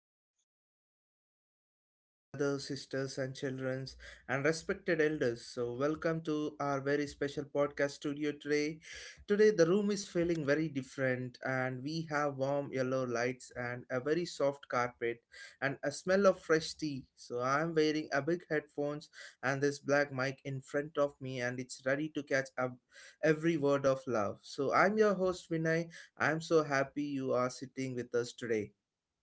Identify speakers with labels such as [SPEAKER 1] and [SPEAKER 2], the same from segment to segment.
[SPEAKER 1] Hello, hello, hello to all my lovely brothers, sisters, and children, and respected elders. So, welcome to our very special podcast studio today. Today, the room is feeling very different, and we have warm yellow lights and a very soft carpet and a smell of fresh tea. So, I am wearing a big headphones and this black mic in front of me, and it's ready to catch up every word of love. So, I'm your host, Vinay. I'm so happy you are sitting with us today.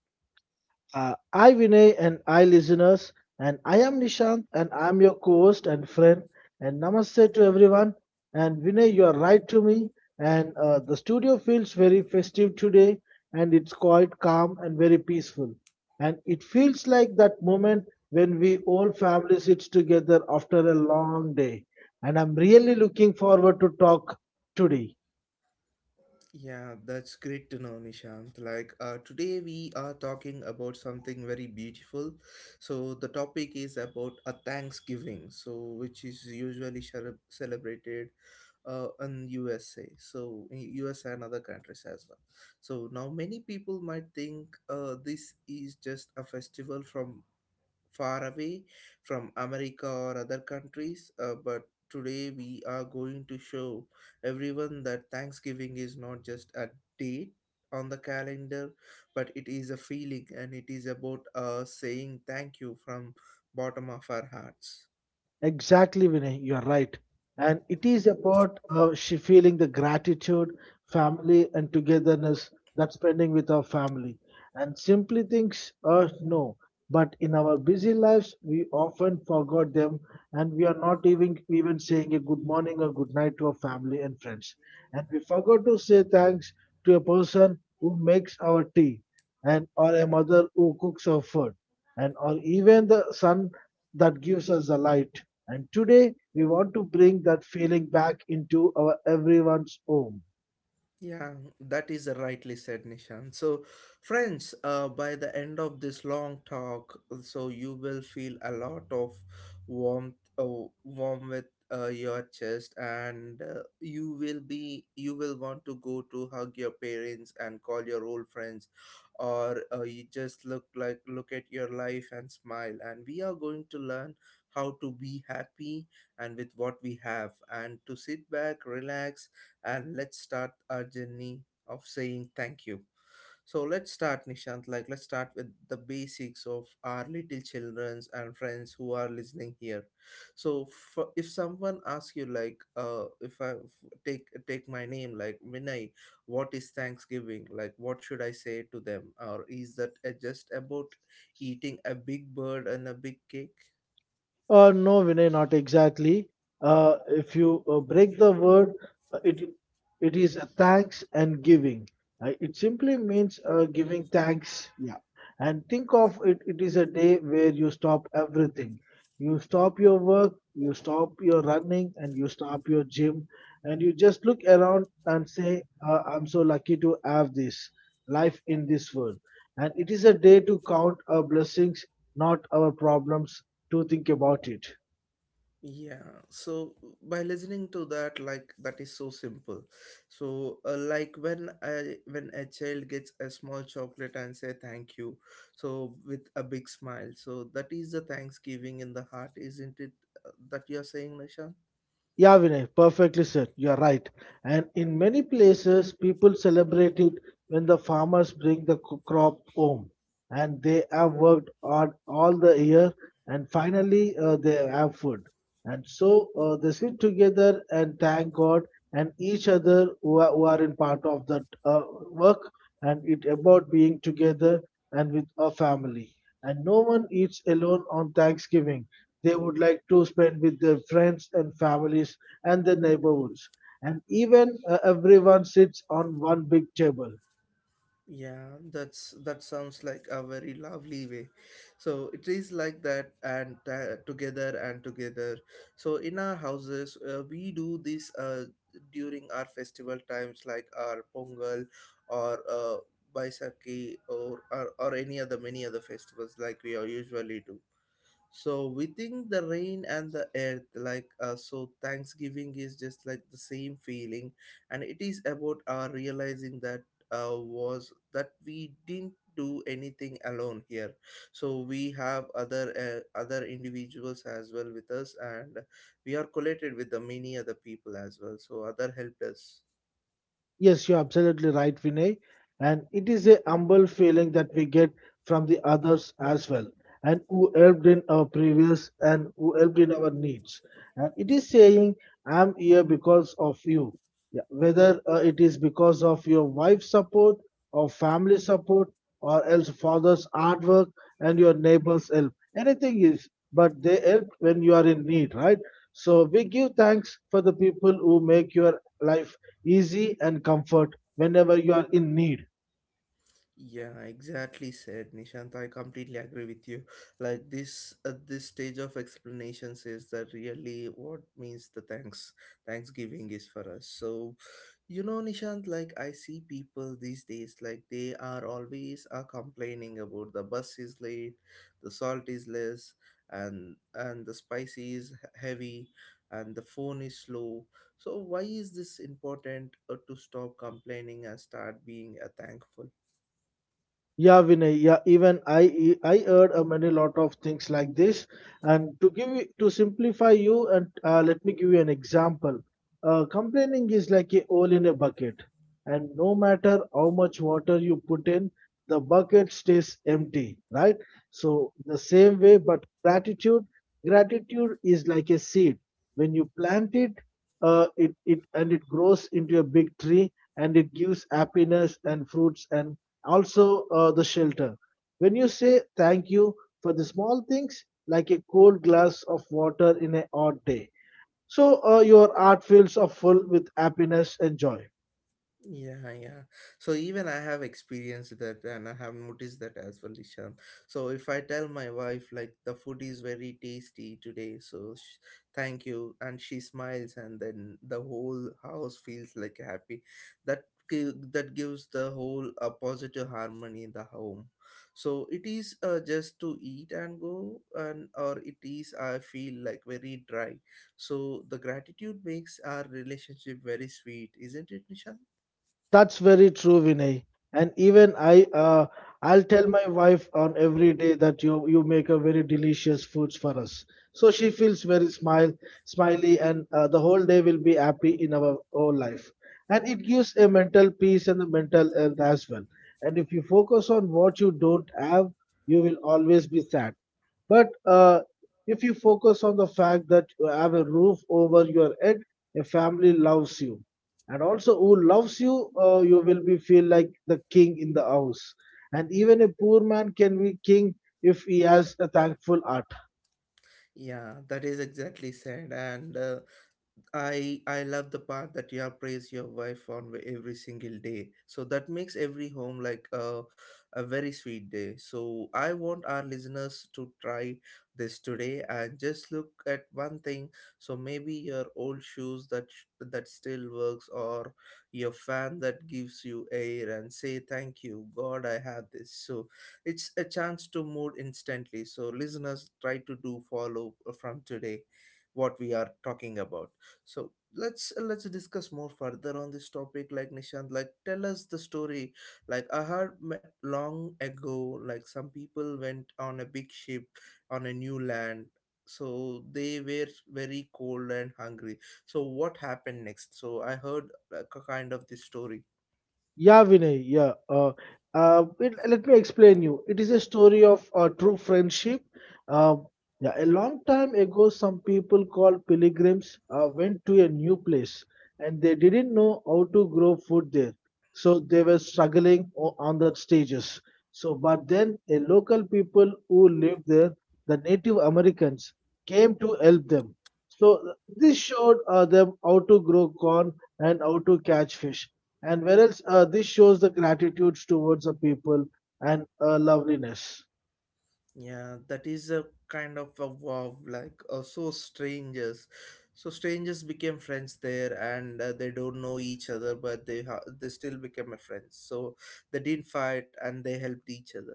[SPEAKER 2] I Vinay and I listeners, and I am Nishant, and I am your co-host and friend. And namaste to everyone. And Vinay, you are right to me. And the studio feels very festive today, and it's quite calm and very peaceful. And it feels like that moment when we all family sits together after a long day. And I'm really looking forward to talk today.
[SPEAKER 1] Yeah, that's great to know, Nishant. Like, today we are talking about something very beautiful. So, the topic is about a Thanksgiving, so which is usually celebrated in USA, so in USA and other countries as well. So, now many people might think this is just a festival from far away from America or other countries, but today we are going to show everyone that Thanksgiving is not just a date on the calendar, but it is a feeling and it is about saying thank you from bottom of our hearts.
[SPEAKER 2] Exactly, Vinay, you're right. And it is about she feeling the gratitude, family, and togetherness that spending with our family. And simply things no. But in our busy lives, we often forgot them, and we are not even saying a good morning or good night to our family and friends. And we forgot to say thanks to a person who makes our tea, and or a mother who cooks our food, and or even the sun that gives us the light. And today we want to bring that feeling back into our everyone's home.
[SPEAKER 1] Yeah, that is rightly said, Nishan. So, friends, by the end of this long talk, so you will feel a lot of warmth, warm with your chest, and you will be, you will want to go to hug your parents and call your old friends, or you just look like look at your life and smile. And we are going to learn how to be happy and with what we have, and to sit back, relax and let's start our journey of saying thank you. So let's start, Nishant. Like, let's start with the basics of our little childrens and friends who are listening here. So, for, if someone asks you, like, if take my name, like Vinay, what is Thanksgiving? Like, what should I say to them? Or is that just about eating a big bird and a big cake?
[SPEAKER 2] No, Vinay, not exactly. If you break the word, uh, it it is a thanks and giving. It simply means giving thanks. Yeah. And think of it, it is a day where you stop everything. You stop your work, you stop your running, and you stop your gym, and you just look around and say, I'm so lucky to have this life in this world. And it is a day to count our blessings, not our problems, to think about it.
[SPEAKER 1] Yeah, so by listening to that, like that is so simple. So, like when when a child gets a small chocolate and say thank you, so with a big smile, so that is the thanksgiving in the heart, isn't it, that you're saying, Nisha?
[SPEAKER 2] Yeah, Vinay, perfectly said. You're right. And in many places, people celebrate it when the farmers bring the crop home, and they have worked hard all the year, and finally they have food. And so they sit together and thank God and each other who are in part of that work, and it about being together and with a family. And no one eats alone on Thanksgiving. They would like to spend with their friends and families and their neighborhoods. And even everyone sits on one big table.
[SPEAKER 1] Yeah, that's that sounds like a very lovely way. So it is like that, and together and together. So in our houses, we do this during our festival times, like our Pongal or Baisakhi or, or any other many other festivals, like we are usually do. So within the rain and the earth, like so, Thanksgiving is just like the same feeling, and it is about our realizing that was that we didn't do anything alone here. So we have other individuals as well with us, and we are collated with the many other people as well. So other helped us.
[SPEAKER 2] Yes, you're absolutely right, Vinay. And it is a humble feeling that we get from the others as well, and who helped in our previous and who helped in our needs. And it is saying, I'm here because of you. Yeah. Whether it is because of your wife's support, or family support, or else father's hard work and your neighbor's help, anything is, but they help when you are in need, right? So we give thanks for the people who make your life easy and comfort whenever you are in need.
[SPEAKER 1] Yeah, exactly said, Nishant. I completely agree with you. Like this, at this stage of explanations, is that really what means the thanks Thanksgiving is for us. So you know, Nishant, like I see people these days, like they are always are complaining about the bus is late, the salt is less, and the spicy is heavy, and the phone is slow. So why is this important to stop complaining and start being a thankful?
[SPEAKER 2] Yeah, Vinay. Yeah, even I heard a many lot of things like this. And to give you to simplify you, and let me give you an example. Complaining is like a hole in a bucket, and no matter how much water you put in, the bucket stays empty, right? So the same way, but gratitude is like a seed. When you plant it, it it and it grows into a big tree, and it gives happiness and fruits and also the shelter. When you say thank you for the small things, like a cold glass of water in a hot day, so your heart feels of full with happiness and joy.
[SPEAKER 1] Yeah, yeah. So even I have experienced that and I have noticed that as well, Ishan. So if I tell my wife like the food is very tasty today, so thank you and she smiles and then the whole house feels like happy. That that gives the whole a positive harmony in the home. So it is just to eat and go and or it is I feel like very dry. So the gratitude makes our relationship very sweet, isn't it, Nishan?
[SPEAKER 2] That's very true, Vinay. And even I, I'll tell my wife on every day that you make a very delicious foods for us. So she feels very smiley, and the whole day will be happy in our whole life. And it gives a mental peace and a mental health as well. And if you focus on what you don't have, you will always be sad. But If you focus on the fact that you have a roof over your head, a family loves you and also who loves you, you will be feel like the king in the house, and even a poor man can be king if he has a thankful heart.
[SPEAKER 1] Yeah, that is exactly said. And I love the part that you have praised your wife on every single day. So that makes every home like a very sweet day. So I want our listeners to try this today and just look at one thing. So maybe your old shoes that that still works or your fan that gives you air and say thank you God I have this. So it's a chance to mood instantly. So listeners try to do follow from today what we are talking about. So let's discuss more further on this topic like, Nishant, like tell us the story. Like I heard long ago, like some people went on a big ship on a new land. So they were very cold and hungry. So what happened next? So I heard like a kind of this story.
[SPEAKER 2] Yeah, Vinay. Yeah. Let me explain you. It is a story of true friendship. Uh, yeah, a long time ago, some people called pilgrims went to a new place, and they didn't know how to grow food there. So they were struggling on the stages. So, but then a local people who lived there, the Native Americans, came to help them. So this showed them how to grow corn and how to catch fish, and whereas this shows the gratitude towards the people and loveliness.
[SPEAKER 1] Yeah, that is a kind of a wow, like so strangers. So strangers became friends there, and they don't know each other, but they still became a friends. So they didn't fight, and they helped each other.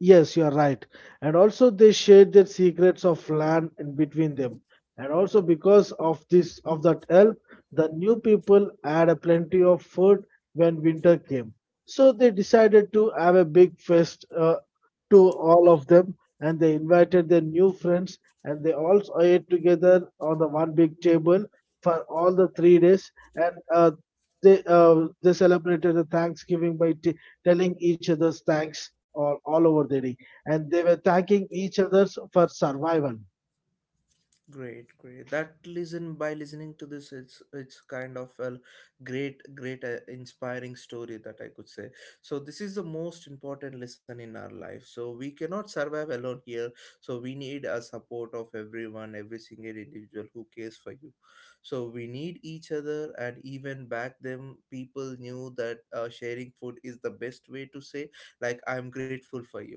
[SPEAKER 2] Yes, you are right. And also, they shared their secrets of land in between them. And also, because of this, of that help, the new people had a plenty of food when winter came. So they decided to have a big fest to all of them, and they invited their new friends, and they all ate together on the one big table for all the 3 days, and they celebrated the Thanksgiving by telling each other's thanks or all over the day, and they were thanking each other for survival.
[SPEAKER 1] Great, great. That listen by listening to this, it's kind of a great, great, inspiring story that I could say. So this is the most important lesson in our life. So we cannot survive alone here. So we need a support of everyone, every single individual who cares for you. So we need each other, and even back then, people knew that sharing food is the best way to say, like, I'm grateful for you.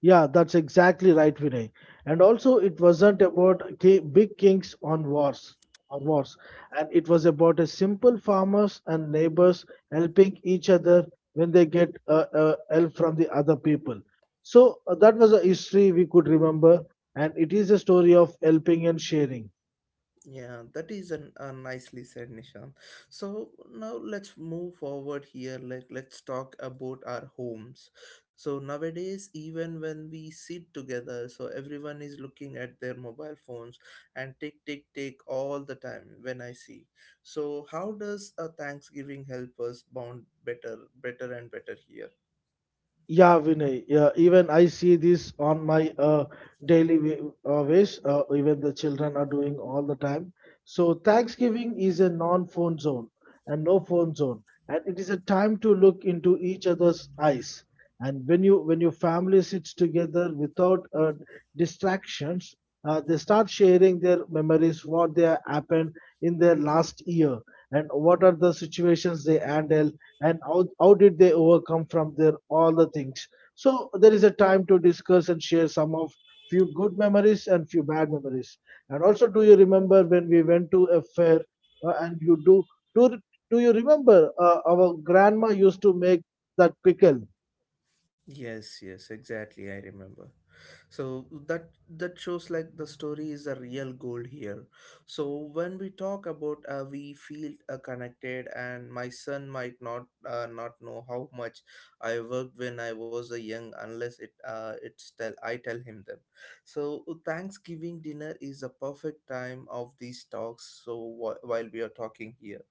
[SPEAKER 2] Yeah, that's exactly right, Vinay. And also, it wasn't about big kings on wars or wars, and it was about a simple farmers and neighbors helping each other when they get help from the other people. So that was a history we could remember, and it is a story of helping and sharing.
[SPEAKER 1] Yeah, that is an, a nicely said, Nishan. So now let's move forward here. Like let's talk about our homes. So nowadays, even when we sit together, so everyone is looking at their mobile phones and tick tick tick all the time when I see. So how does a Thanksgiving help us bond better, better and better here?
[SPEAKER 2] Yeah, Vinay. Yeah, even I see this on my daily ways. Even the children are doing all the time. So Thanksgiving is a non-phone zone and no phone zone, and it is a time to look into each other's eyes. And when your family sits together without distractions, they start sharing their memories, what they happened in their last year, and what are the situations they handled, and how did they overcome from their all the things. So there is a time to discuss and share some of few good memories and few bad memories. And also, do you remember when we went to a fair, and you do do do you remember our grandma used to make that pickle?
[SPEAKER 1] Yes, yes, exactly. I remember. So that that shows like the story is a real gold here. So when we talk about, we feel connected and my son might not know how much I worked when I was a young unless it's tell I tell him them. So thanksgiving dinner is a perfect time of these talks. So while we are talking here.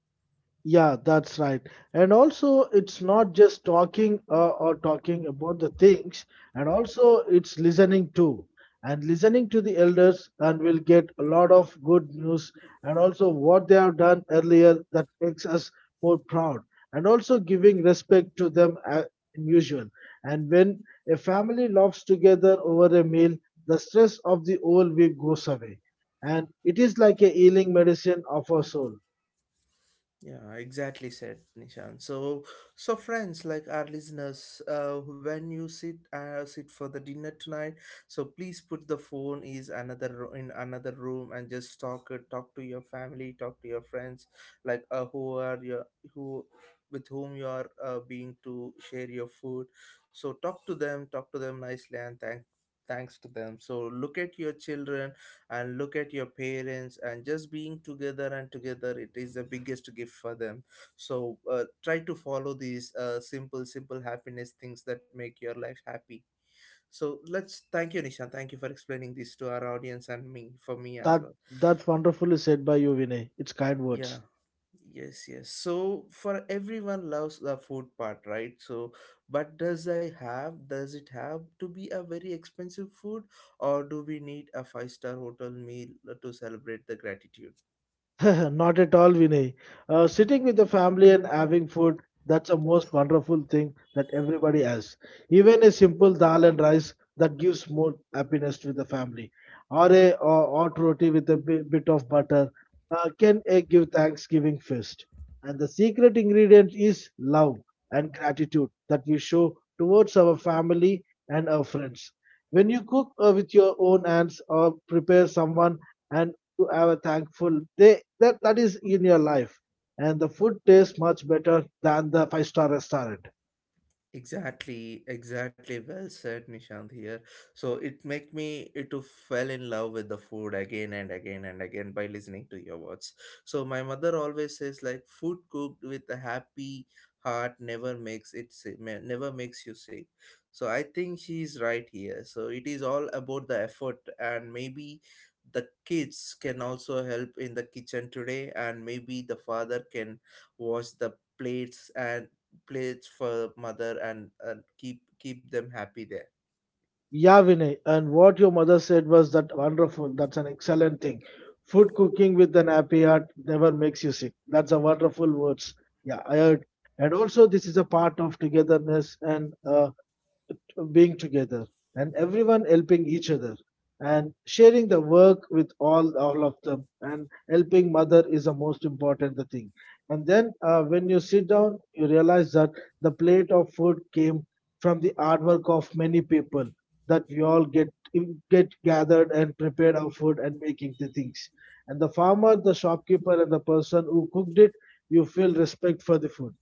[SPEAKER 2] Yeah, that's right. And also, it's not just talking or talking about the things, and also it's listening too. And listening to the elders, and we'll get a lot of good news, and also what they have done earlier that makes us more proud, and also giving respect to them as usual. And when a family laughs together over a meal, the stress of the whole week goes away, and it is like a healing medicine of our soul.
[SPEAKER 1] Yeah, exactly said, Nishan. So, so friends, like our listeners, when you sit for the dinner tonight, so please put the phone is in another room and just talk to your family, talk to your friends, like who are your who with whom you are being to share your food. So talk to them nicely, and thank thanks to them. So look at your children and look at your parents and just being together and together it is the biggest gift for them. So try to follow these simple happiness things that make your life happy. So let's thank you, Nisha, thank you for explaining this to our audience and me for me as
[SPEAKER 2] That
[SPEAKER 1] well.
[SPEAKER 2] that's wonderfully said by you, Vinay. It's kind words.
[SPEAKER 1] Yeah, yes, yes. So for everyone loves the food part, right? But does it have to be a very expensive food, or do we need a five-star hotel meal to celebrate the gratitude?
[SPEAKER 2] Not at all, Vinay. Sitting with the family and having food, that's the most wonderful thing that everybody has. Even a simple dal and rice that gives more happiness to the family, or a hot roti with a bit of butter can give Thanksgiving feast. And the secret ingredient is love and gratitude that we show towards our family and our friends. When you cook with your own hands or prepare someone, and to have a thankful day that, that is in your life. And the food tastes much better than the five-star restaurant.
[SPEAKER 1] Exactly, exactly. Well said, Nishant here. So it make me it to fell in love with the food again and again and again by listening to your words. So my mother always says like food cooked with a happy heart never makes it sick, never makes you sick. So I think she's right here. So it is all about the effort and maybe the kids can also help in the kitchen today and maybe the father can wash the plates and plates for mother and keep them happy there.
[SPEAKER 2] Yeah, Vinay. And what your mother said was that wonderful. That's an excellent thing. Food cooking with an happy heart never makes you sick. That's a wonderful words. Yeah, I heard. And also, this is a part of togetherness and being together, and everyone helping each other, and sharing the work with all of them, and helping mother is the most important thing. And then when you sit down, you realize that the plate of food came from the hard work of many people, that we all get gathered and prepared our food and making the things. And the farmer, the shopkeeper, and the person who cooked it, you feel respect for the food.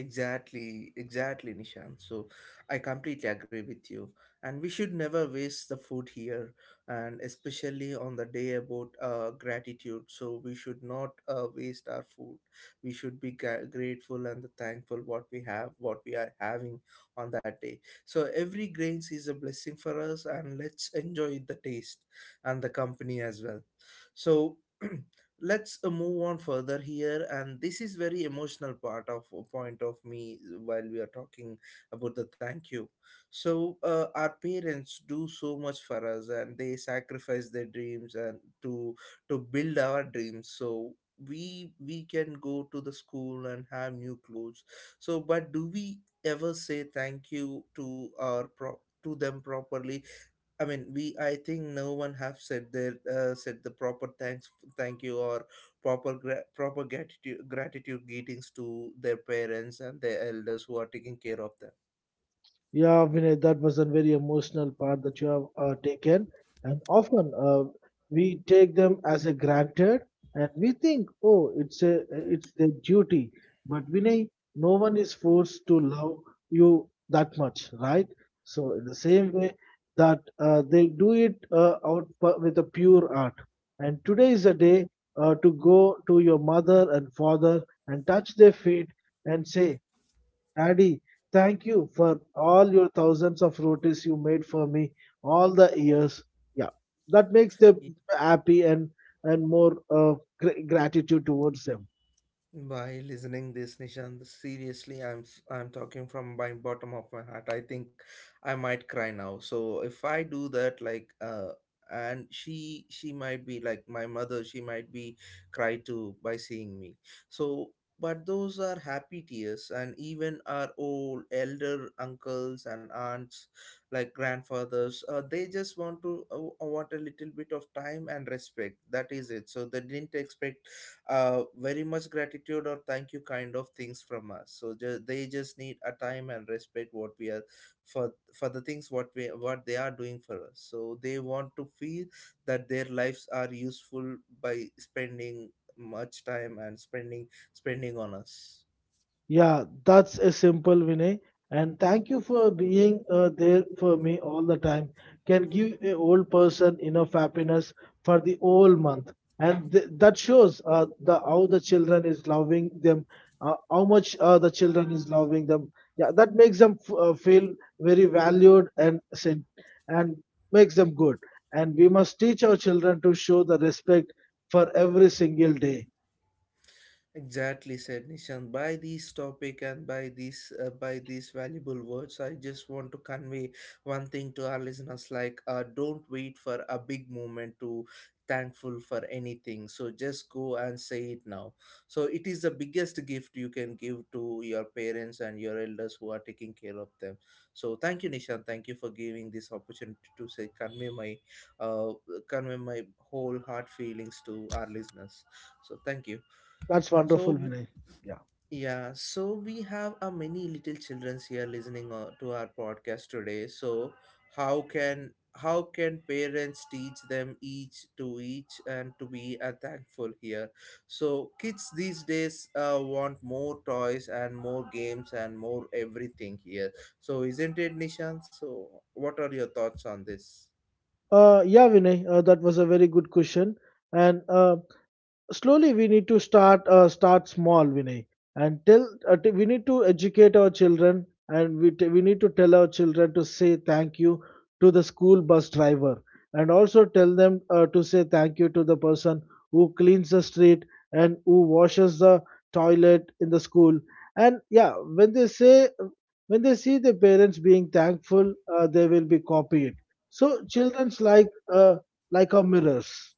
[SPEAKER 1] Exactly, exactly, Nishan. So I completely agree with you. And we should never waste the food here, and especially on the day about gratitude, so we should not waste our food. We should be grateful and thankful what we have, what we are having on that day. So every grains is a blessing for us, and let's enjoy the taste and the company as well. So let's move on further here, and this is very emotional part of point of me while we are talking about the thank you. So our parents do so much for us and they sacrifice their dreams and to build our dreams so we can go to the school and have new clothes. So but do we ever say thank you to our to them properly? I mean, we. I think no one have said their said the proper thanks, thank you, or proper proper gratitude greetings to their parents and their elders who are taking care of them.
[SPEAKER 2] Yeah, Vinay, that was a very emotional part that you have taken. And often we take them as a granted, and we think, oh, it's their duty. But Vinay, no one is forced to love you that much, right? So in the same way that they do it with a pure heart. And today is a day to go to your mother and father and touch their feet and say, Adi, thank you for all your thousands of rotis you made for me all the years. Yeah, that makes them happy and more gratitude towards them.
[SPEAKER 1] By listening this, Nishant, seriously, I'm talking from my bottom of my heart. I think I might cry now. So if I do that, and she might be like my mother. She might be cry too by seeing me. So, but those are happy tears, and even our old elder uncles and aunts, like grandfathers, they just want to want a little bit of time and respect. That is it. So they didn't expect very much gratitude or thank you kind of things from us so they just need a time and respect what we are for the things what we what they are doing for us so they want to feel that their lives are useful by spending much time and spending on us.
[SPEAKER 2] Yeah, that's a simple Vinay. And thank you for being there for me all the time. Can give a old person enough happiness for the whole month, and that shows the how the children is loving them, how much the children is loving them. Yeah, that makes them feel very valued and sent, and makes them good. And we must teach our children to show the respect for every single day.
[SPEAKER 1] Exactly said, Nishan. By this topic and by these valuable words, I just want to convey one thing to our listeners: don't wait for a big moment to thankful for anything. So just go and say it now. So it is the biggest gift you can give to your parents and your elders who are taking care of them. So thank you, Nishan. Thank you for giving this opportunity to say uh, convey my whole heart feelings to our listeners. So thank you.
[SPEAKER 2] That's wonderful,
[SPEAKER 1] So
[SPEAKER 2] Vinay. Yeah.
[SPEAKER 1] yeah, so we have a many little childrens here listening to our podcast today. So how can parents teach them each to each and to be thankful here? So kids these days want more toys and more games and more everything here. So isn't it, Nishan? So what are your thoughts on this?
[SPEAKER 2] Yeah, Vinay, that was a very good question. And slowly we need to start small vinay and tell we need to educate our children and we need to tell our children to say thank you to the school bus driver and also tell them to say thank you to the person who cleans the street and who washes the toilet in the school. And yeah, when they say, when they see the parents being thankful, they will be copied. So children's like our mirrors.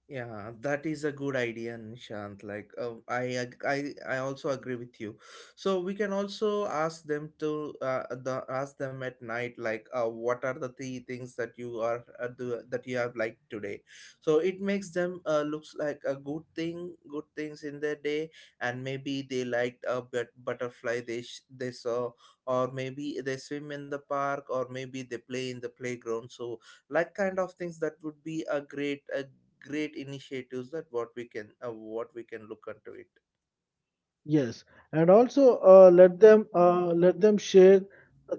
[SPEAKER 1] Yeah, that is a good idea, Nishant. I also agree with you. So we can also ask them to ask them at night, what are the three things that that you have liked today. So it makes them looks like a good thing, good things in their day, and maybe they liked a butterfly they saw, or maybe they swim in the park, or maybe they play in the playground. So like kind of things that would be a great initiatives that what we can look into it.
[SPEAKER 2] Yes, and also let them share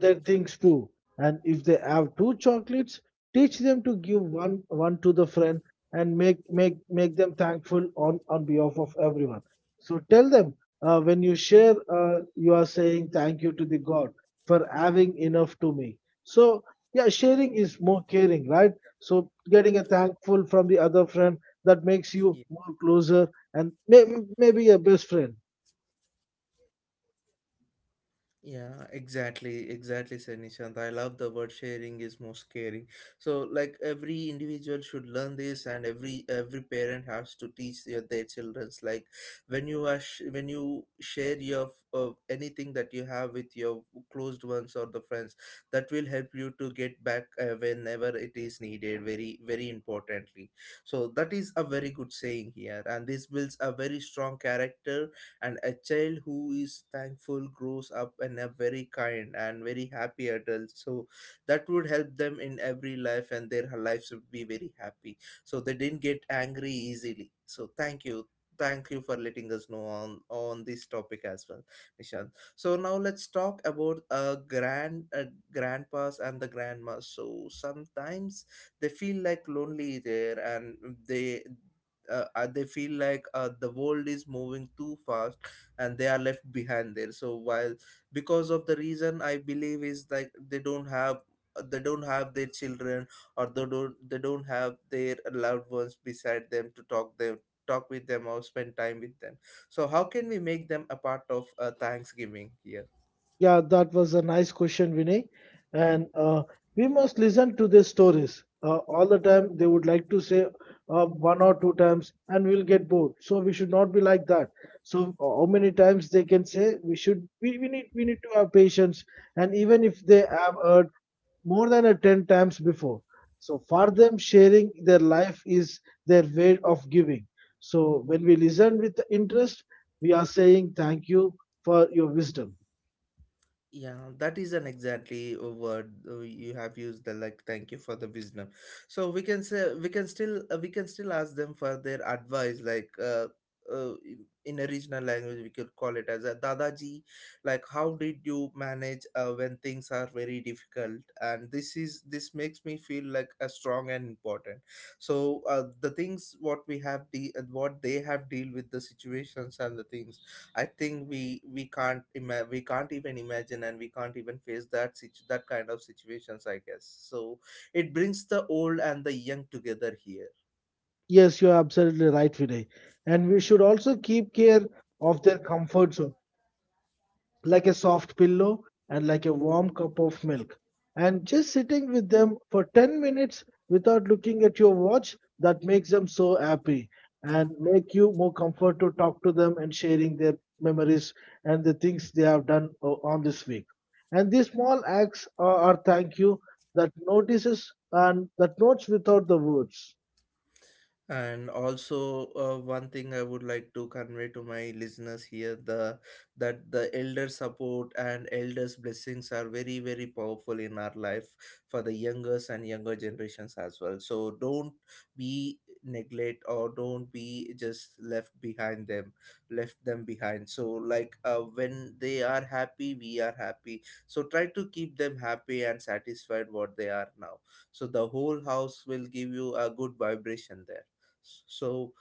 [SPEAKER 2] their things too. And if they have two chocolates, teach them to give one to the friend and make them thankful on behalf of everyone. So tell them, when you share, you are saying thank you to the God for having enough to me. So yeah, sharing is more caring, right? So getting a thankful from the other friend, that makes you more closer and maybe a best friend.
[SPEAKER 1] Yeah, exactly, exactly, sir Nishant. I love the word sharing is most caring. So, like every individual should learn this, and every parent has to teach their childrens. Like when you share your anything that you have with your closed ones or the friends, that will help you to get back whenever it is needed. Very very importantly. So that is a very good saying here, and this builds a very strong character, and a child who is thankful grows up in a very kind and very happy adult. So that would help them in every life, and their lives would be very happy, so they didn't get angry easily. So thank you, thank you for letting us know on this topic as well, Nishant. So now let's talk about grandpas and the grandmas. So sometimes they feel like lonely there, and they they feel like the world is moving too fast and they are left behind there. So while, because of the reason I believe is like they don't have their children, or they don't have their loved ones beside them to talk them, talk with them or spend time with them. So how can we make them a part of thanksgiving here?
[SPEAKER 2] Yeah, that was a nice question, Vinay. And we must listen to their stories all the time. They would like to say one or two times, and we'll get bored. So we should not be like that. So how many times they can say? We should. We need. We need to have patience. And even if they have heard more than a ten times before, so for them, sharing their life is their way of giving. So when we listen with interest, we are saying thank you for your wisdom.
[SPEAKER 1] Yeah, that is an exactly a word you have used. The like, thank you for the wisdom. So we can say we can still ask them for their advice. Uh, in a regional language, we could call it as a dadaji. Like, how did you manage when things are very difficult? And this is this makes me feel like a strong and important. So the things what what they have deal with the situations and the things, I think we can't even imagine, and we can't even face that kind of situations, I guess. So it brings the old and the young together here.
[SPEAKER 2] Yes, you're absolutely right, Vinay. And we should also keep care of their comfort zone, like a soft pillow and like a warm cup of milk. And just sitting with them for 10 minutes without looking at your watch, that makes them so happy and make you more comfort to talk to them and sharing their memories and the things they have done on this week. And these small acts are thank you that notices and that notes without the words.
[SPEAKER 1] And also, one thing I would like to convey to my listeners here, the that the elder support and elders blessings are very very powerful in our life for the youngers and younger generations as well. So don't be neglect, or don't be just left behind them, left them behind. So like when they are happy, we are happy. So try to keep them happy and satisfied what they are now. So the whole house will give you a good vibration there. So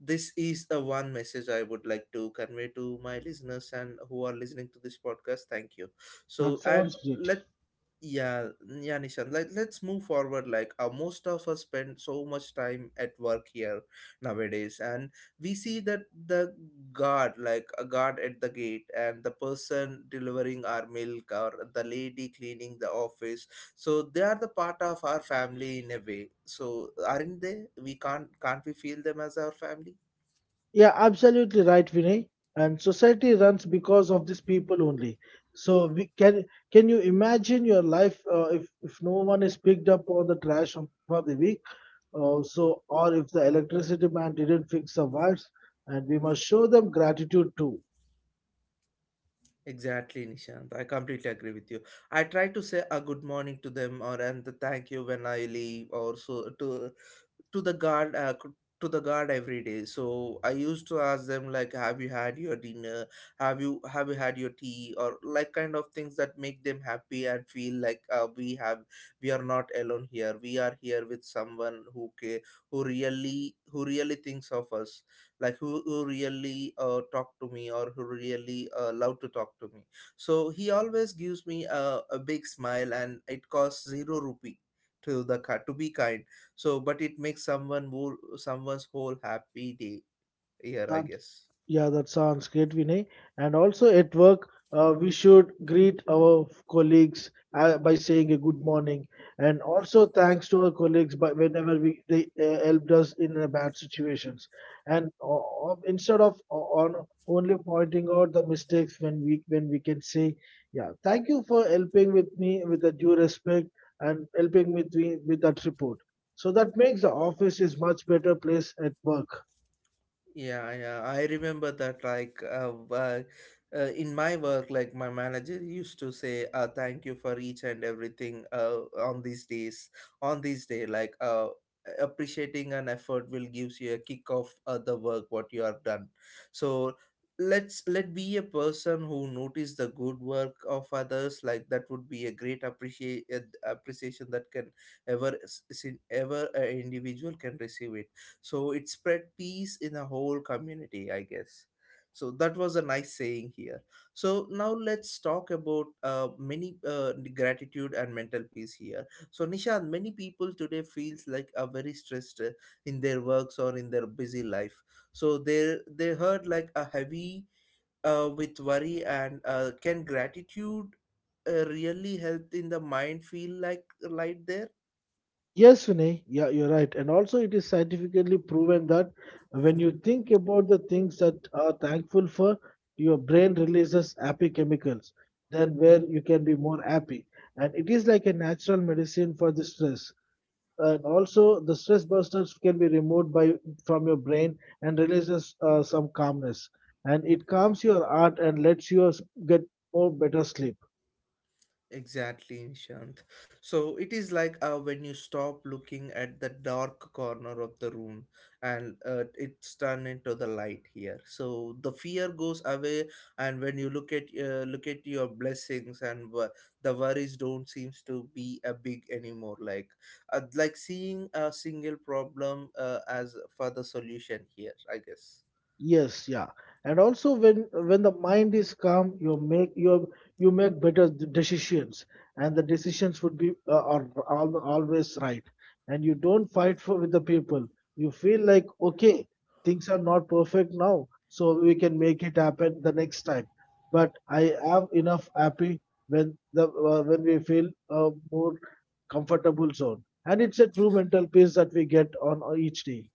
[SPEAKER 1] this is a one message I would like to convey to my listeners and who are listening to this podcast. Thank you. So
[SPEAKER 2] That
[SPEAKER 1] and
[SPEAKER 2] sounds
[SPEAKER 1] let's,
[SPEAKER 2] great.
[SPEAKER 1] yeah, yeah, Nishan, like let's move forward. Like most of us spend so much time at work here nowadays, and we see that the guard, like a guard at the gate and the person delivering our milk or the lady cleaning the office, so they are the part of our family in a way. So aren't they, we can't we feel them as our family?
[SPEAKER 2] Yeah, absolutely right, Vinay. And society runs because of these people only. So we can you imagine your life if no one is picked up on the for the week, or if the electricity man didn't fix the wires, and we must show them gratitude too.
[SPEAKER 1] Exactly, Nishant. I completely agree with you. I try to say a good morning to them, or and the thank you when I leave, or so to the to the guard every day. So I used to ask them like, "Have you had your dinner? Have you had your tea?" or like kind of things that make them happy and feel like we have, we are not alone here. We are here with someone who care, who really thinks of us, like who really talk to me, or who really love to talk to me. So he always gives me a big smile, and it costs zero rupee to the car to be kind. So but it makes someone who someone's whole happy day here, I
[SPEAKER 2] The
[SPEAKER 1] guess.
[SPEAKER 2] Yeah, that sounds great, Vinay. And also at work, we should greet our colleagues by saying a good morning, and also thanks to our colleagues by whenever we they helped us in the bad situations. And instead of o- on only pointing out the mistakes, when we can say, yeah, thank you for helping with me with the due respect and helping with me with that report. So that makes the office is much better place at work.
[SPEAKER 1] Yeah, I remember that. In my work, like my manager used to say, "Thank you for each and everything." On these days, on this day, appreciating an effort will gives you a kick of the work what you have done. So let's let be a person who notice the good work of others. Like that would be a great appreciate appreciation that can ever a individual can receive it. So it spread peace in a whole community, I guess. So that was a nice saying here. So now let's talk about many gratitude and mental peace here. So Nishad, many people today feels like are very stressed in their works or in their busy life. So they heard like a heavy with worry, and can gratitude really help in the mind feel like light there?
[SPEAKER 2] Yes, Vinay, yeah, you're right. And also, it is scientifically proven that when you think about the things that are thankful for, your brain releases happy chemicals, then where you can be more happy. And it is like a natural medicine for the stress. And also, the stress busters can be removed by from your brain and releases some calmness. And it calms your heart and lets you get more better sleep.
[SPEAKER 1] Exactly, Nishant. So it is like when you stop looking at the dark corner of the room, and it's turned into the light here. So the fear goes away, and when you look at your blessings, and the worries don't seems to be a big anymore. Like seeing a single problem as for the solution here, I guess.
[SPEAKER 2] Yes, yeah. And also when the mind is calm, you make better decisions, and the decisions would be are, al always right. And you don't fight for with the people. You feel like okay, things are not perfect now, so we can make it happen the next time. But I am enough happy when the when we feel a more comfortable zone, and it's a true mental peace that we get on each day.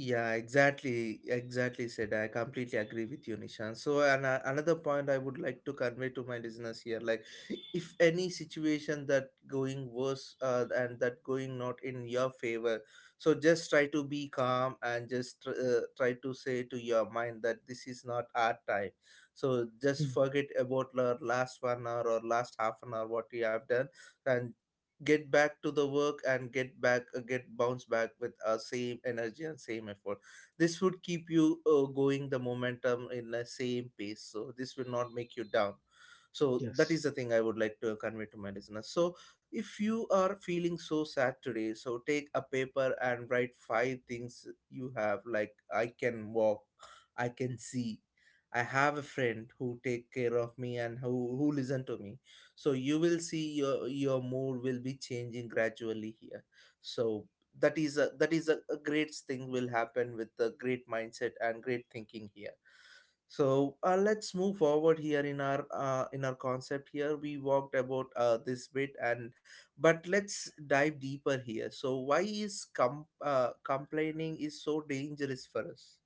[SPEAKER 1] Yeah, exactly, exactly said. I completely agree with you, Nishan. So, and another point I would like to convey to my listeners here, like, if any situation that going worse and that going not in your favor, so just try to be calm, and just try to say to your mind that this is not our time. So just
[SPEAKER 2] Hmm.
[SPEAKER 1] forget about your last 1 hour or last half an hour what you have done, and get back to the work and get back get bounce back with same energy and same effort. This would keep you going the momentum in the same pace, so this will not make you down. So that
[SPEAKER 2] Yes.
[SPEAKER 1] is the thing I would like to convey to my listeners. So if you are feeling so sad today, so take a paper and write five things you have, like I can walk, I can see, I have a friend who take care of me and who listen to me. So you will see your mood will be changing gradually here. So that is a great thing will happen with the great mindset and great thinking here. So let's move forward here in our concept here, we walked about this bit and, but let's dive deeper here. So why is complaining is so dangerous for us?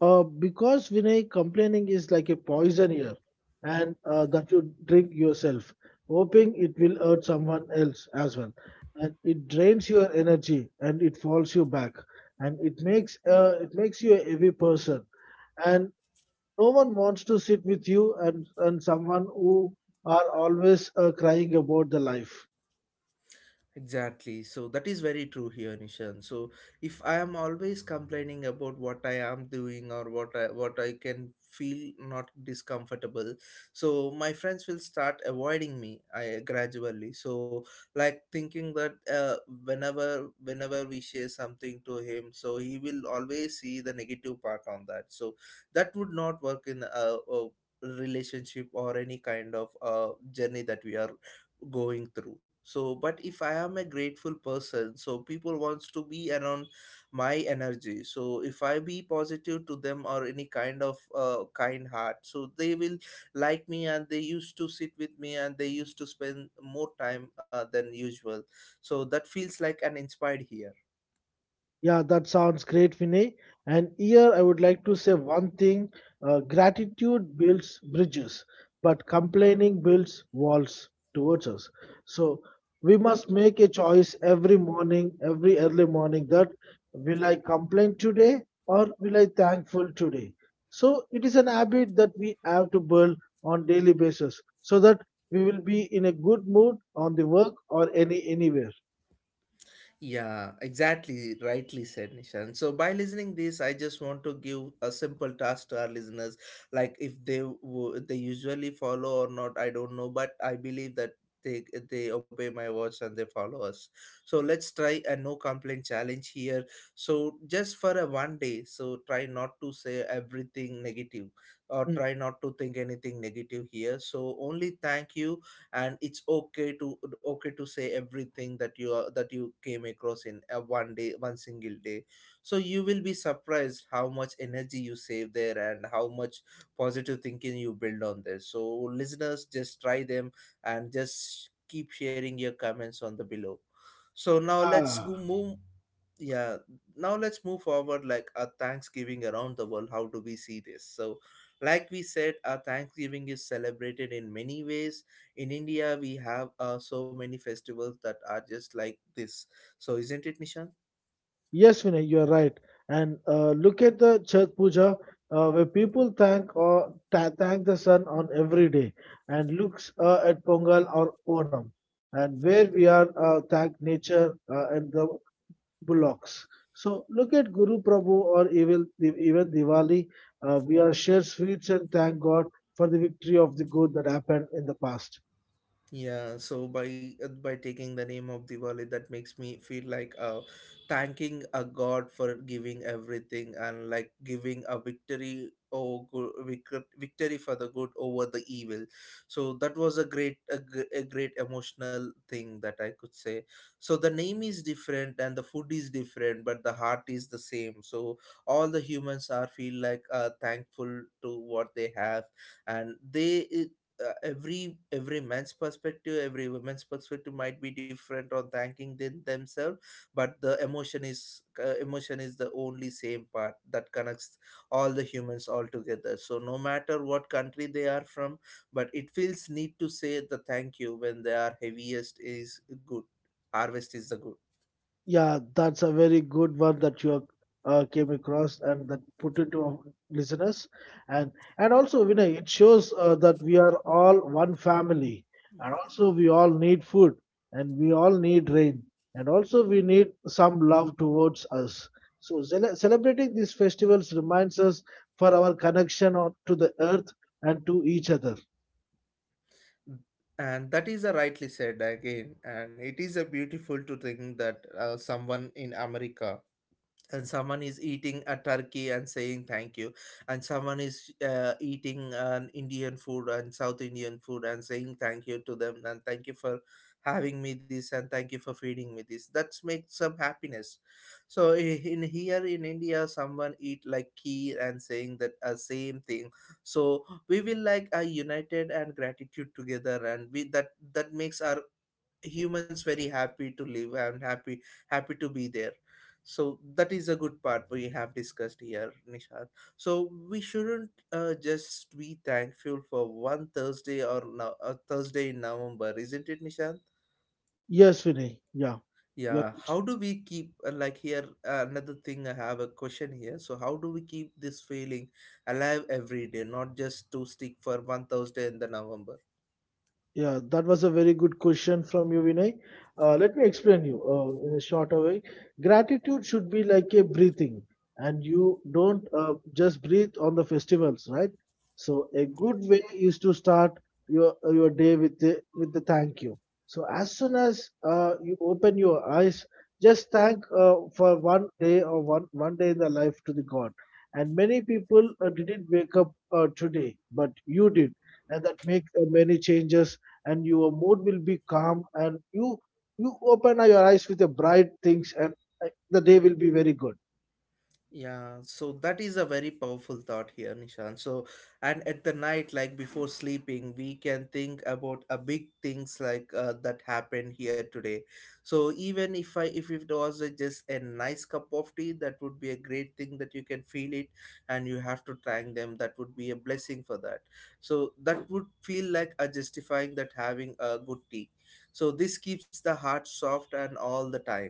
[SPEAKER 2] Because Vinay, complaining is like a poison here, and that you drink yourself, hoping it will hurt someone else as well. And it drains your energy, and it falls you back, and it makes you a heavy person. And no one wants to sit with you and someone who are always crying about the life.
[SPEAKER 1] Exactly. So that is very true here, Nishan. So if I am always complaining about what I am doing or what I can feel not discomfortable, so my friends will start avoiding me, I gradually so, like thinking that whenever we share something to him, so he will always see the negative part on that. So that would not work in a relationship or any kind of journey that we are going through, so but if I am a grateful person, so people wants to be around my energy. So if I be positive to them or any kind of kind heart, so they will like me and they used to sit with me and they used to spend more time than usual, so that feels like an inspired here.
[SPEAKER 2] Yeah, that sounds great, Vinay. And here I would like to say one thing, gratitude builds bridges, but complaining builds walls towards us. So we must make a choice every morning, every early morning, that will I complain today or will I thankful today? So it is an habit that we have to build on daily basis so that we will be in a good mood on the work or anywhere.
[SPEAKER 1] Yeah, exactly, rightly said, Nishan. So by listening this, I just want to give a simple task to our listeners, like if they they usually follow or not, I don't know, but I believe that they they obey my words and they follow us. So let's try a no complaint challenge here. So just for a one day, so try not to say everything negative, or
[SPEAKER 2] Mm.
[SPEAKER 1] try not to think anything negative here. So only thank you and it's okay to say everything that you are, that you came across in a one day one single day. So you will be surprised how much energy you save there and how much positive thinking you build on this. So listeners, just try them and just keep sharing your comments on the below. So now let's go
[SPEAKER 2] Ah.
[SPEAKER 1] move, yeah, now let's move forward like a thanksgiving around the world. How do we see this? So like we said, our Thanksgiving is celebrated in many ways. In India we have so many festivals that are just like this. So isn't it, Nishan?
[SPEAKER 2] Yes, Vinay, you are right. And look at the Chhath Puja, where people thank the sun on every day, and looks at Pongal or Onam, and where we are thank nature and the bullocks. So look at Guru Prabhu or even Diwali. We are share sweets and thank God for the victory of the good that happened in the past.
[SPEAKER 1] Yeah, so by taking the name of Diwali, that makes me feel like thanking a God for giving everything and like giving a victory or good victory for the good over the evil. So that was a great emotional thing that I could say. So the name is different and the food is different, but the heart is the same. So all the humans are feel like thankful to what they have, and they every man's perspective, every woman's perspective might be different on thanking them themselves. But the emotion is the only same part that connects all the humans all together. So no matter what country they are from, but it feels neat to say the thank you when they are heaviest is good, harvest is the good.
[SPEAKER 2] Yeah, that's a very good one that came across and that put it to our listeners. And also Vinay, it shows that we are all one family, and also we all need food, and we all need rain, and also we need some love towards us. So celebrating these festivals reminds us for our connection to the earth and to each other.
[SPEAKER 1] And that is a rightly said again, and it is a beautiful to think that someone in America and someone is eating a turkey and saying thank you, and someone is eating an Indian food and South Indian food and saying thank you to them, and thank you for having me this and thank you for feeding me this, that makes some happiness. So in here in India someone eat like kheer and saying that same thing. So we will like a united and gratitude together, and we that that makes our humans very happy to live and happy to be there. So that is a good part we have discussed here, Nishad. So we shouldn't just be thankful for one Thursday or, no, a Thursday in November, isn't it, Nishad?
[SPEAKER 2] Yes, Vinay. Yeah,
[SPEAKER 1] Yeah,
[SPEAKER 2] you're right.
[SPEAKER 1] how do we keep like here another thing, I have a question here. So how do we keep this feeling alive every day, not just to stick for one Thursday in the November?
[SPEAKER 2] Yeah, that was a very good question from you, Vinay. Let me explain you in a shorter way. Gratitude should be like a breathing, and you don't just breathe on the festivals, right? So a good way is to start your day with the thank you. So as soon as you open your eyes, just thank for one day or one day in the life to the God. And many people didn't wake up today, but you did, and that make many changes, and your mood will be calm and you open your eyes with a bright things, and the day will be very good.
[SPEAKER 1] Yeah, so that is a very powerful thought here, Nishan. So, and at the night, like before sleeping, we can think about a big things like that happened here today. So even if it was just a nice cup of tea, that would be a great thing that you can feel it, and you have to thank them. That would be a blessing for that. So that would feel like a justifying that having a good tea. So this keeps the heart soft and all the time.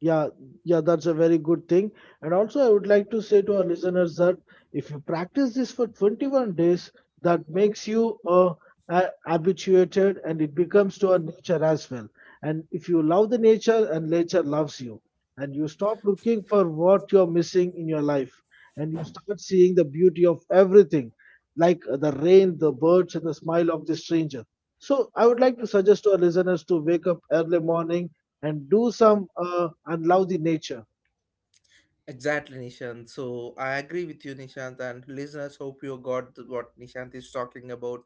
[SPEAKER 2] Yeah, yeah, that's a very good thing. And also, I would like to say to our listeners that if you practice this for 21 days, that makes you habituated, and it becomes to our nature as well. And if you love the nature and nature loves you, and you stop looking for what you're missing in your life, and you start seeing the beauty of everything, like the rain, the birds, and the smile of the stranger. So, I would like to suggest to our listeners to wake up early morning and do some and love the nature.
[SPEAKER 1] Exactly, Nishant. So I agree with you, Nishant, and listeners. Hope you got what Nishant is talking about,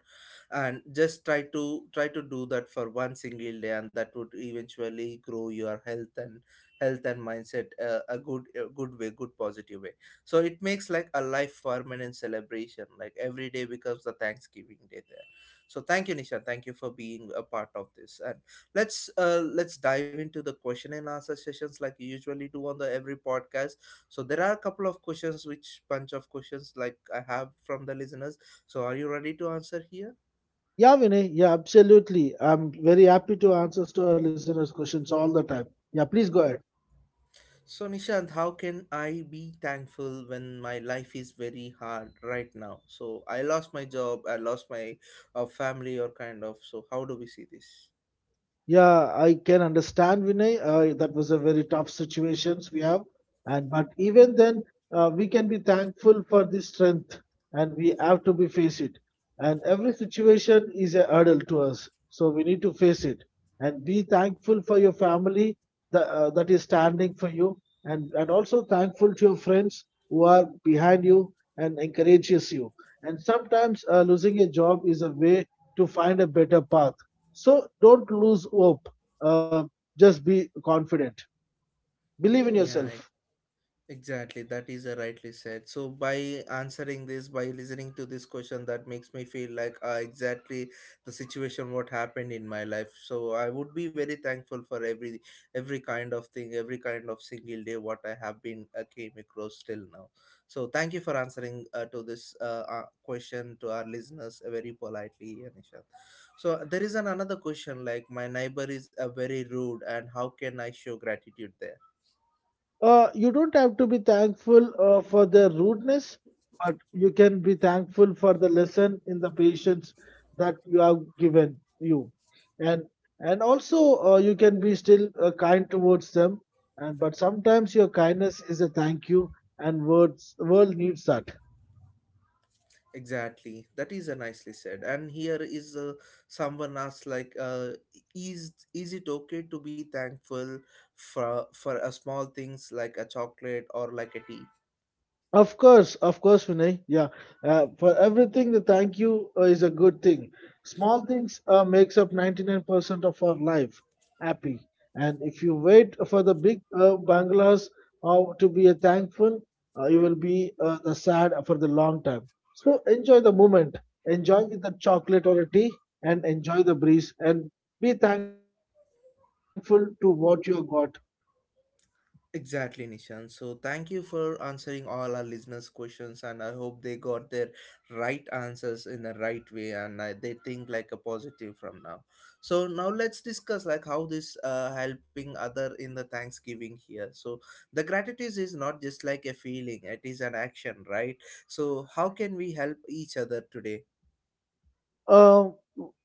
[SPEAKER 1] and just try to do that for one single day, and that would eventually grow your health and mindset a good way, good positive way. So it makes like a life permanent celebration, like every day becomes the Thanksgiving Day there. So thank you, Nishant. Thank you for being a part of this, and let's dive into the question and answer sessions like you usually do on the every podcast. So there are a couple of questions, which bunch of questions, like, I have from the listeners. So are you ready to answer here?
[SPEAKER 2] Yeah, Vinay. Yeah, absolutely. I'm very happy to answer to our listeners' questions all the time. Yeah, please go ahead.
[SPEAKER 1] So Nishant, how can I be thankful when my life is very hard right now? So I lost my job, I lost my family or kind of. So how do we see this?
[SPEAKER 2] Yeah, I can understand Vinay. That was a very tough situations we have, and but even then, we can be thankful for this strength, and we have to be face it. And every situation is a hurdle to us, so we need to face it and be thankful for your family that, that is standing for you, and also thankful to your friends who are behind you and encourages you. And sometimes losing a job is a way to find a better path, so don't lose hope. Uh, just be confident. Believe in yourself.
[SPEAKER 1] Yeah, exactly, that is a rightly said. So by answering this, by listening to this question, that makes me feel like exactly the situation what happened in my life. So I would be very thankful for every kind of thing, every kind of single day what I have been came across till now. So thank you for answering to this question to our listeners very politely, Anisha. So there is an another question, like, my neighbor is very rude, and how can I show gratitude there?
[SPEAKER 2] You don't have to be thankful for their rudeness, but you can be thankful for the lesson in the patience that you have given you, and also you can be still kind towards them. And but sometimes your kindness is a thank you, and words world needs that.
[SPEAKER 1] Exactly. That is a nicely said. And here is someone asked like, is it okay to be thankful for a small things like a chocolate or like a tea?
[SPEAKER 2] Of course, Vinay. Yeah, for everything, the thank you is a good thing. Small things makes up 99% of our life happy. And if you wait for the big banglas to be a thankful, you will be the sad for the long time. So enjoy the moment, enjoy with the chocolate or a tea, and enjoy the breeze, and be thankful to what you got.
[SPEAKER 1] Exactly, Nishan. So, thank you for answering all our listeners' questions, and I hope they got their right answers in the right way, and they think like a positive from now. So, now let's discuss like how this helping other in the Thanksgiving here. So, the gratitude is not just like a feeling; it is an action, right? So, how can we help each other today?
[SPEAKER 2] Uh,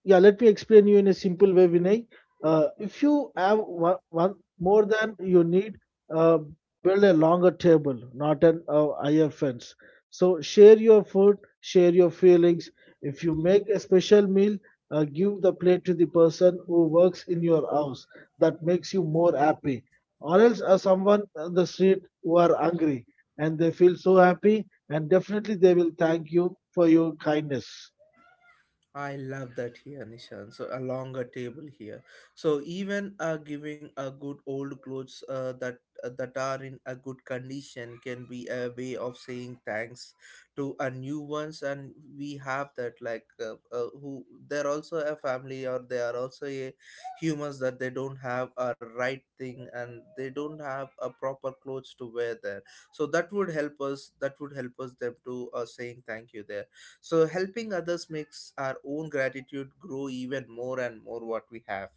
[SPEAKER 2] yeah, let me explain you in a simple way, Vinay. If you have one more than you need, uh, build a longer table, not an higher fence. So share your food, share your feelings. If you make a special meal, give the plate to the person who works in your house. That makes you more happy. Or else, someone on the street who are hungry and they feel so happy, and definitely they will thank you for your kindness.
[SPEAKER 1] I love that here, Nishan. So a longer table here. So even giving a good old clothes that are in a good condition can be a way of saying thanks to a new ones. And we have that, like who they're also a family or they are also a humans, that they don't have a right thing and they don't have a proper clothes to wear there. So that would help us them to saying thank you there. So helping others makes our own gratitude grow even more and more what we have.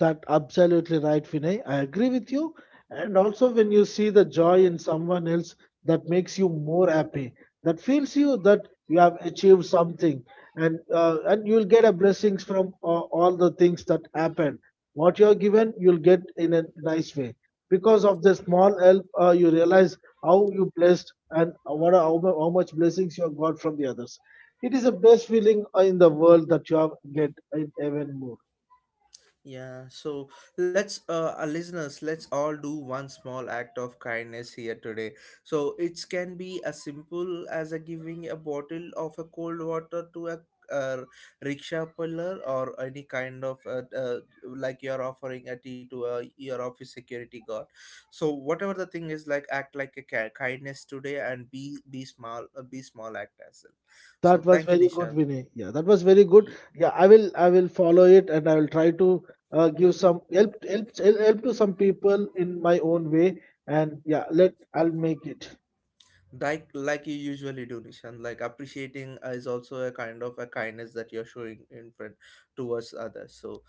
[SPEAKER 2] That absolutely right, Vinay. I agree with you. And also, when you see the joy in someone else, that makes you more happy. That feels you that you have achieved something, and and you'll get a blessings from all the things that happen. What you're given, you'll get in a nice way. Because of the small help, you realize how you blessed and what are, how, how much blessings you have got from the others. It is the best feeling in the world that you have get in even more.
[SPEAKER 1] Yeah, so our listeners, let's all do one small act of kindness here today. So it can be as simple as a giving a bottle of a cold water to a uh, rickshaw puller or any kind of like you're offering a tea to a your office security guard. So whatever the thing is, like act like a kindness today and be small, be small act as well. So
[SPEAKER 2] That was
[SPEAKER 1] thank you,
[SPEAKER 2] very good,
[SPEAKER 1] Nishan.
[SPEAKER 2] Vinay. Yeah, that was very good. Yeah, I will follow it and I will try to give some help to some people in my own way. And yeah, let I'll make it.
[SPEAKER 1] Like you usually do, Nishan, like appreciating is also a kind of a kindness that you're showing in front towards others. So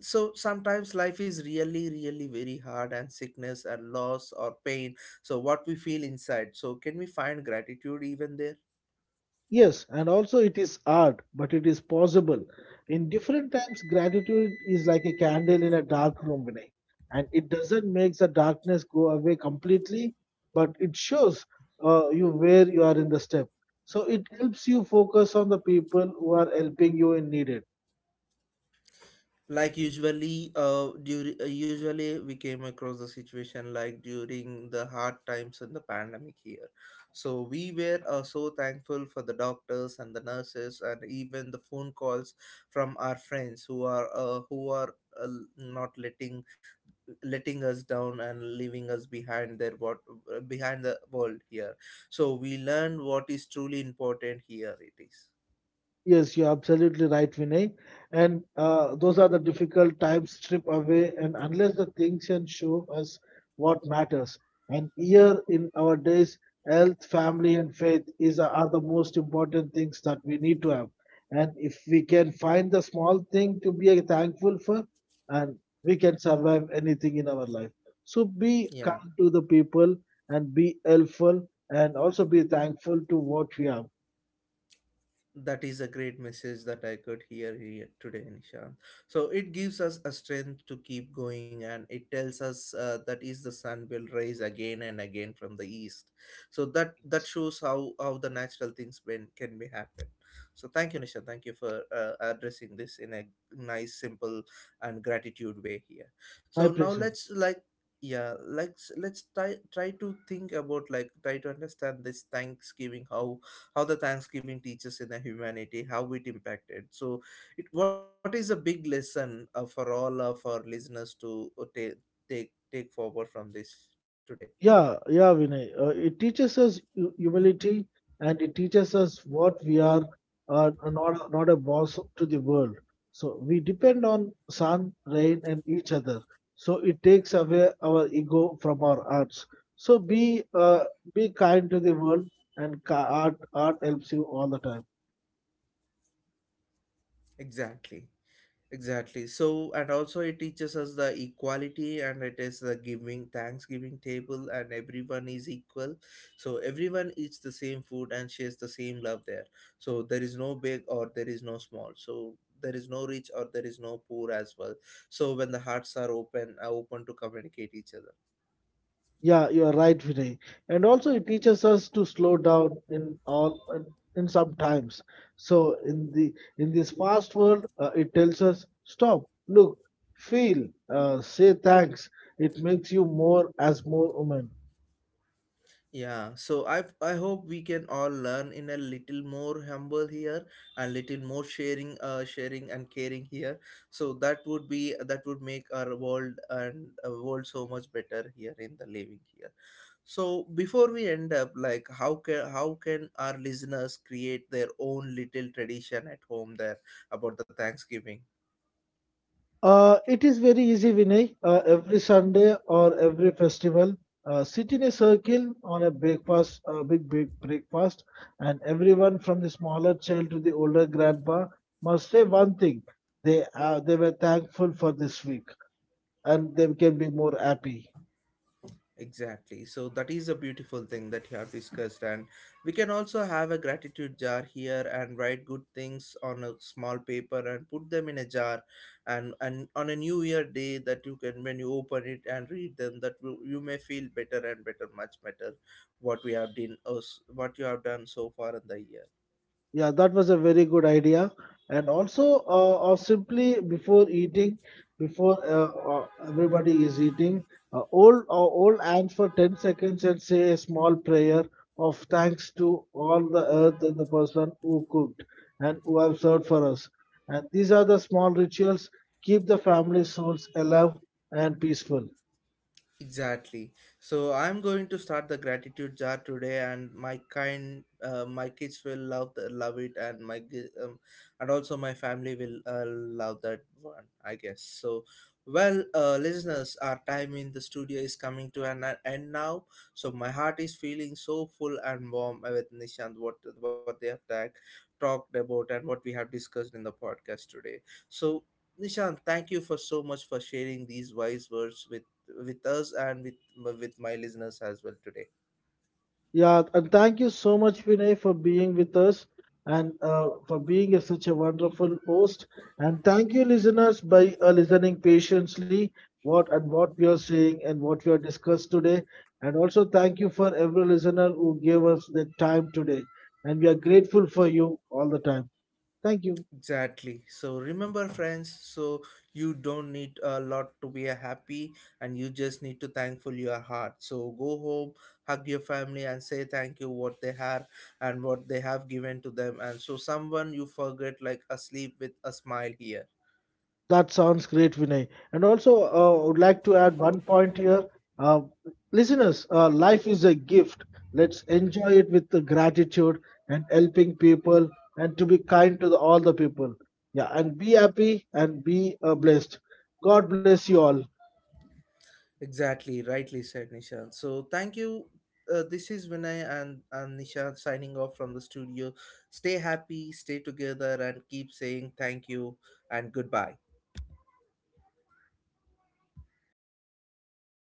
[SPEAKER 1] so sometimes life is really really very hard and sickness and loss or pain. So what we feel inside, so can we find gratitude even there?
[SPEAKER 2] Yes, and also it is hard, but it is possible. In different times, gratitude is like a candle in a dark room, Vinay, and it doesn't make the darkness go away completely, but it shows you where you are in the step. So it helps you focus on the people who are helping you in need.
[SPEAKER 1] Like usually we came across the situation like during the hard times in the pandemic here. So we were so thankful for the doctors and the nurses and even the phone calls from our friends who are uh, not letting us down and leaving us behind their, what, behind the world here. So we learned what is truly important here, it is.
[SPEAKER 2] Yes, you're absolutely right, Vinay. And those are the difficult times strip away, and unless the things can show us what matters. And here in our days, health, family, and faith is are the most important things that we need to have. And if we can find the small thing to be thankful for, and we can survive anything in our life. So be
[SPEAKER 1] Yeah.
[SPEAKER 2] kind to the people and be helpful, and also be thankful to what we have.
[SPEAKER 1] That is a great message that I could hear here today, Nishant. So it gives us a strength to keep going, and it tells us that is the sun will rise again and again from the east. So that shows how the natural things been, can be happen. So thank you, Nishant. Thank you for addressing this in a nice, simple, and gratitude way here. So
[SPEAKER 2] My
[SPEAKER 1] now
[SPEAKER 2] pleasure.
[SPEAKER 1] let's like, yeah, let's try to think about, like, try to understand this Thanksgiving. How the Thanksgiving teaches in the humanity, how it impacted? So it, what is a big lesson for all of our listeners to take forward from this today?
[SPEAKER 2] Yeah, yeah, Vinay. It teaches us humility and it teaches us what we are, not a boss to the world. So we depend on sun, rain, and each other. So it takes away our ego from our arts. So be kind to the world, and art, art helps you all the time.
[SPEAKER 1] Exactly, exactly. So, and also it teaches us the equality and it is the giving, Thanksgiving table, and everyone is equal. So, everyone eats the same food and shares the same love there. So, there is no big or there is no small. So, there is no rich or there is no poor as well. So, when the hearts are open to communicate each other.
[SPEAKER 2] Yeah, you are right, Vinay. And also, it teaches us to slow down in all in some times. So in the in this fast world, it tells us stop, look, feel, say thanks. It makes you more as more human.
[SPEAKER 1] Yeah, so I hope we can all learn in a little more humble here and little more sharing and caring here. So that would make our world and world so much better here in the living here. So before we end up, like, how can our listeners create their own little tradition at home there about the Thanksgiving?
[SPEAKER 2] It is very easy, Vinay. Every Sunday or every festival, sit in a circle on a breakfast, a big, big breakfast, and everyone from the smaller child to the older grandpa must say one thing: they were thankful for this week, and they can be more happy.
[SPEAKER 1] Exactly. So that is a beautiful thing that you have discussed, and we can also have a gratitude jar here and write good things on a small paper and put them in a jar. And on a New Year day that you can, when you open it and read them, that you may feel better and better, much better, what we have done, us what you have done so far in the year.
[SPEAKER 2] Yeah, that was a very good idea. And also, or simply before eating, before everybody is eating, hold hands for 10 seconds and say a small prayer of thanks to all the earth and the person who cooked and who have served for us. And these are the small rituals keep the family souls alive and peaceful.
[SPEAKER 1] Exactly. So I'm going to start the gratitude jar today, and my kids will love it, and and also my family will love that one, I guess. So, well, listeners, our time in the studio is coming to an end now. So my heart is feeling so full and warm with Nishant, what they have talked about and what we have discussed in the podcast today. So Nishan, thank you for so much for sharing these wise words with us and with my listeners as well today.
[SPEAKER 2] Yeah, and thank you so much, Vinay, for being with us and for being such a wonderful host. And thank you, listeners, by listening patiently what and what we are saying and what we are discussed today. And also thank you for every listener who gave us the time today. And we are grateful for you all the time. Thank you.
[SPEAKER 1] Exactly, so remember friends, so you don't need a lot to be a happy, and you just need to thankful your heart. So go home, hug your family and say thank you what they had and what they have given to them. And so, someone you forget, like, asleep with a smile here.
[SPEAKER 2] That sounds great, Vinay. And also, would like to add one point here. Uh, listeners, life is a gift. Let's enjoy it with the gratitude and helping people and to be kind to the, all the people. Yeah, and be happy and be blessed. God bless you all.
[SPEAKER 1] Exactly, rightly said, Nishant. So thank you. This is Vinay and, Nishant signing off from the studio. Stay happy, stay together, and keep saying thank you and goodbye.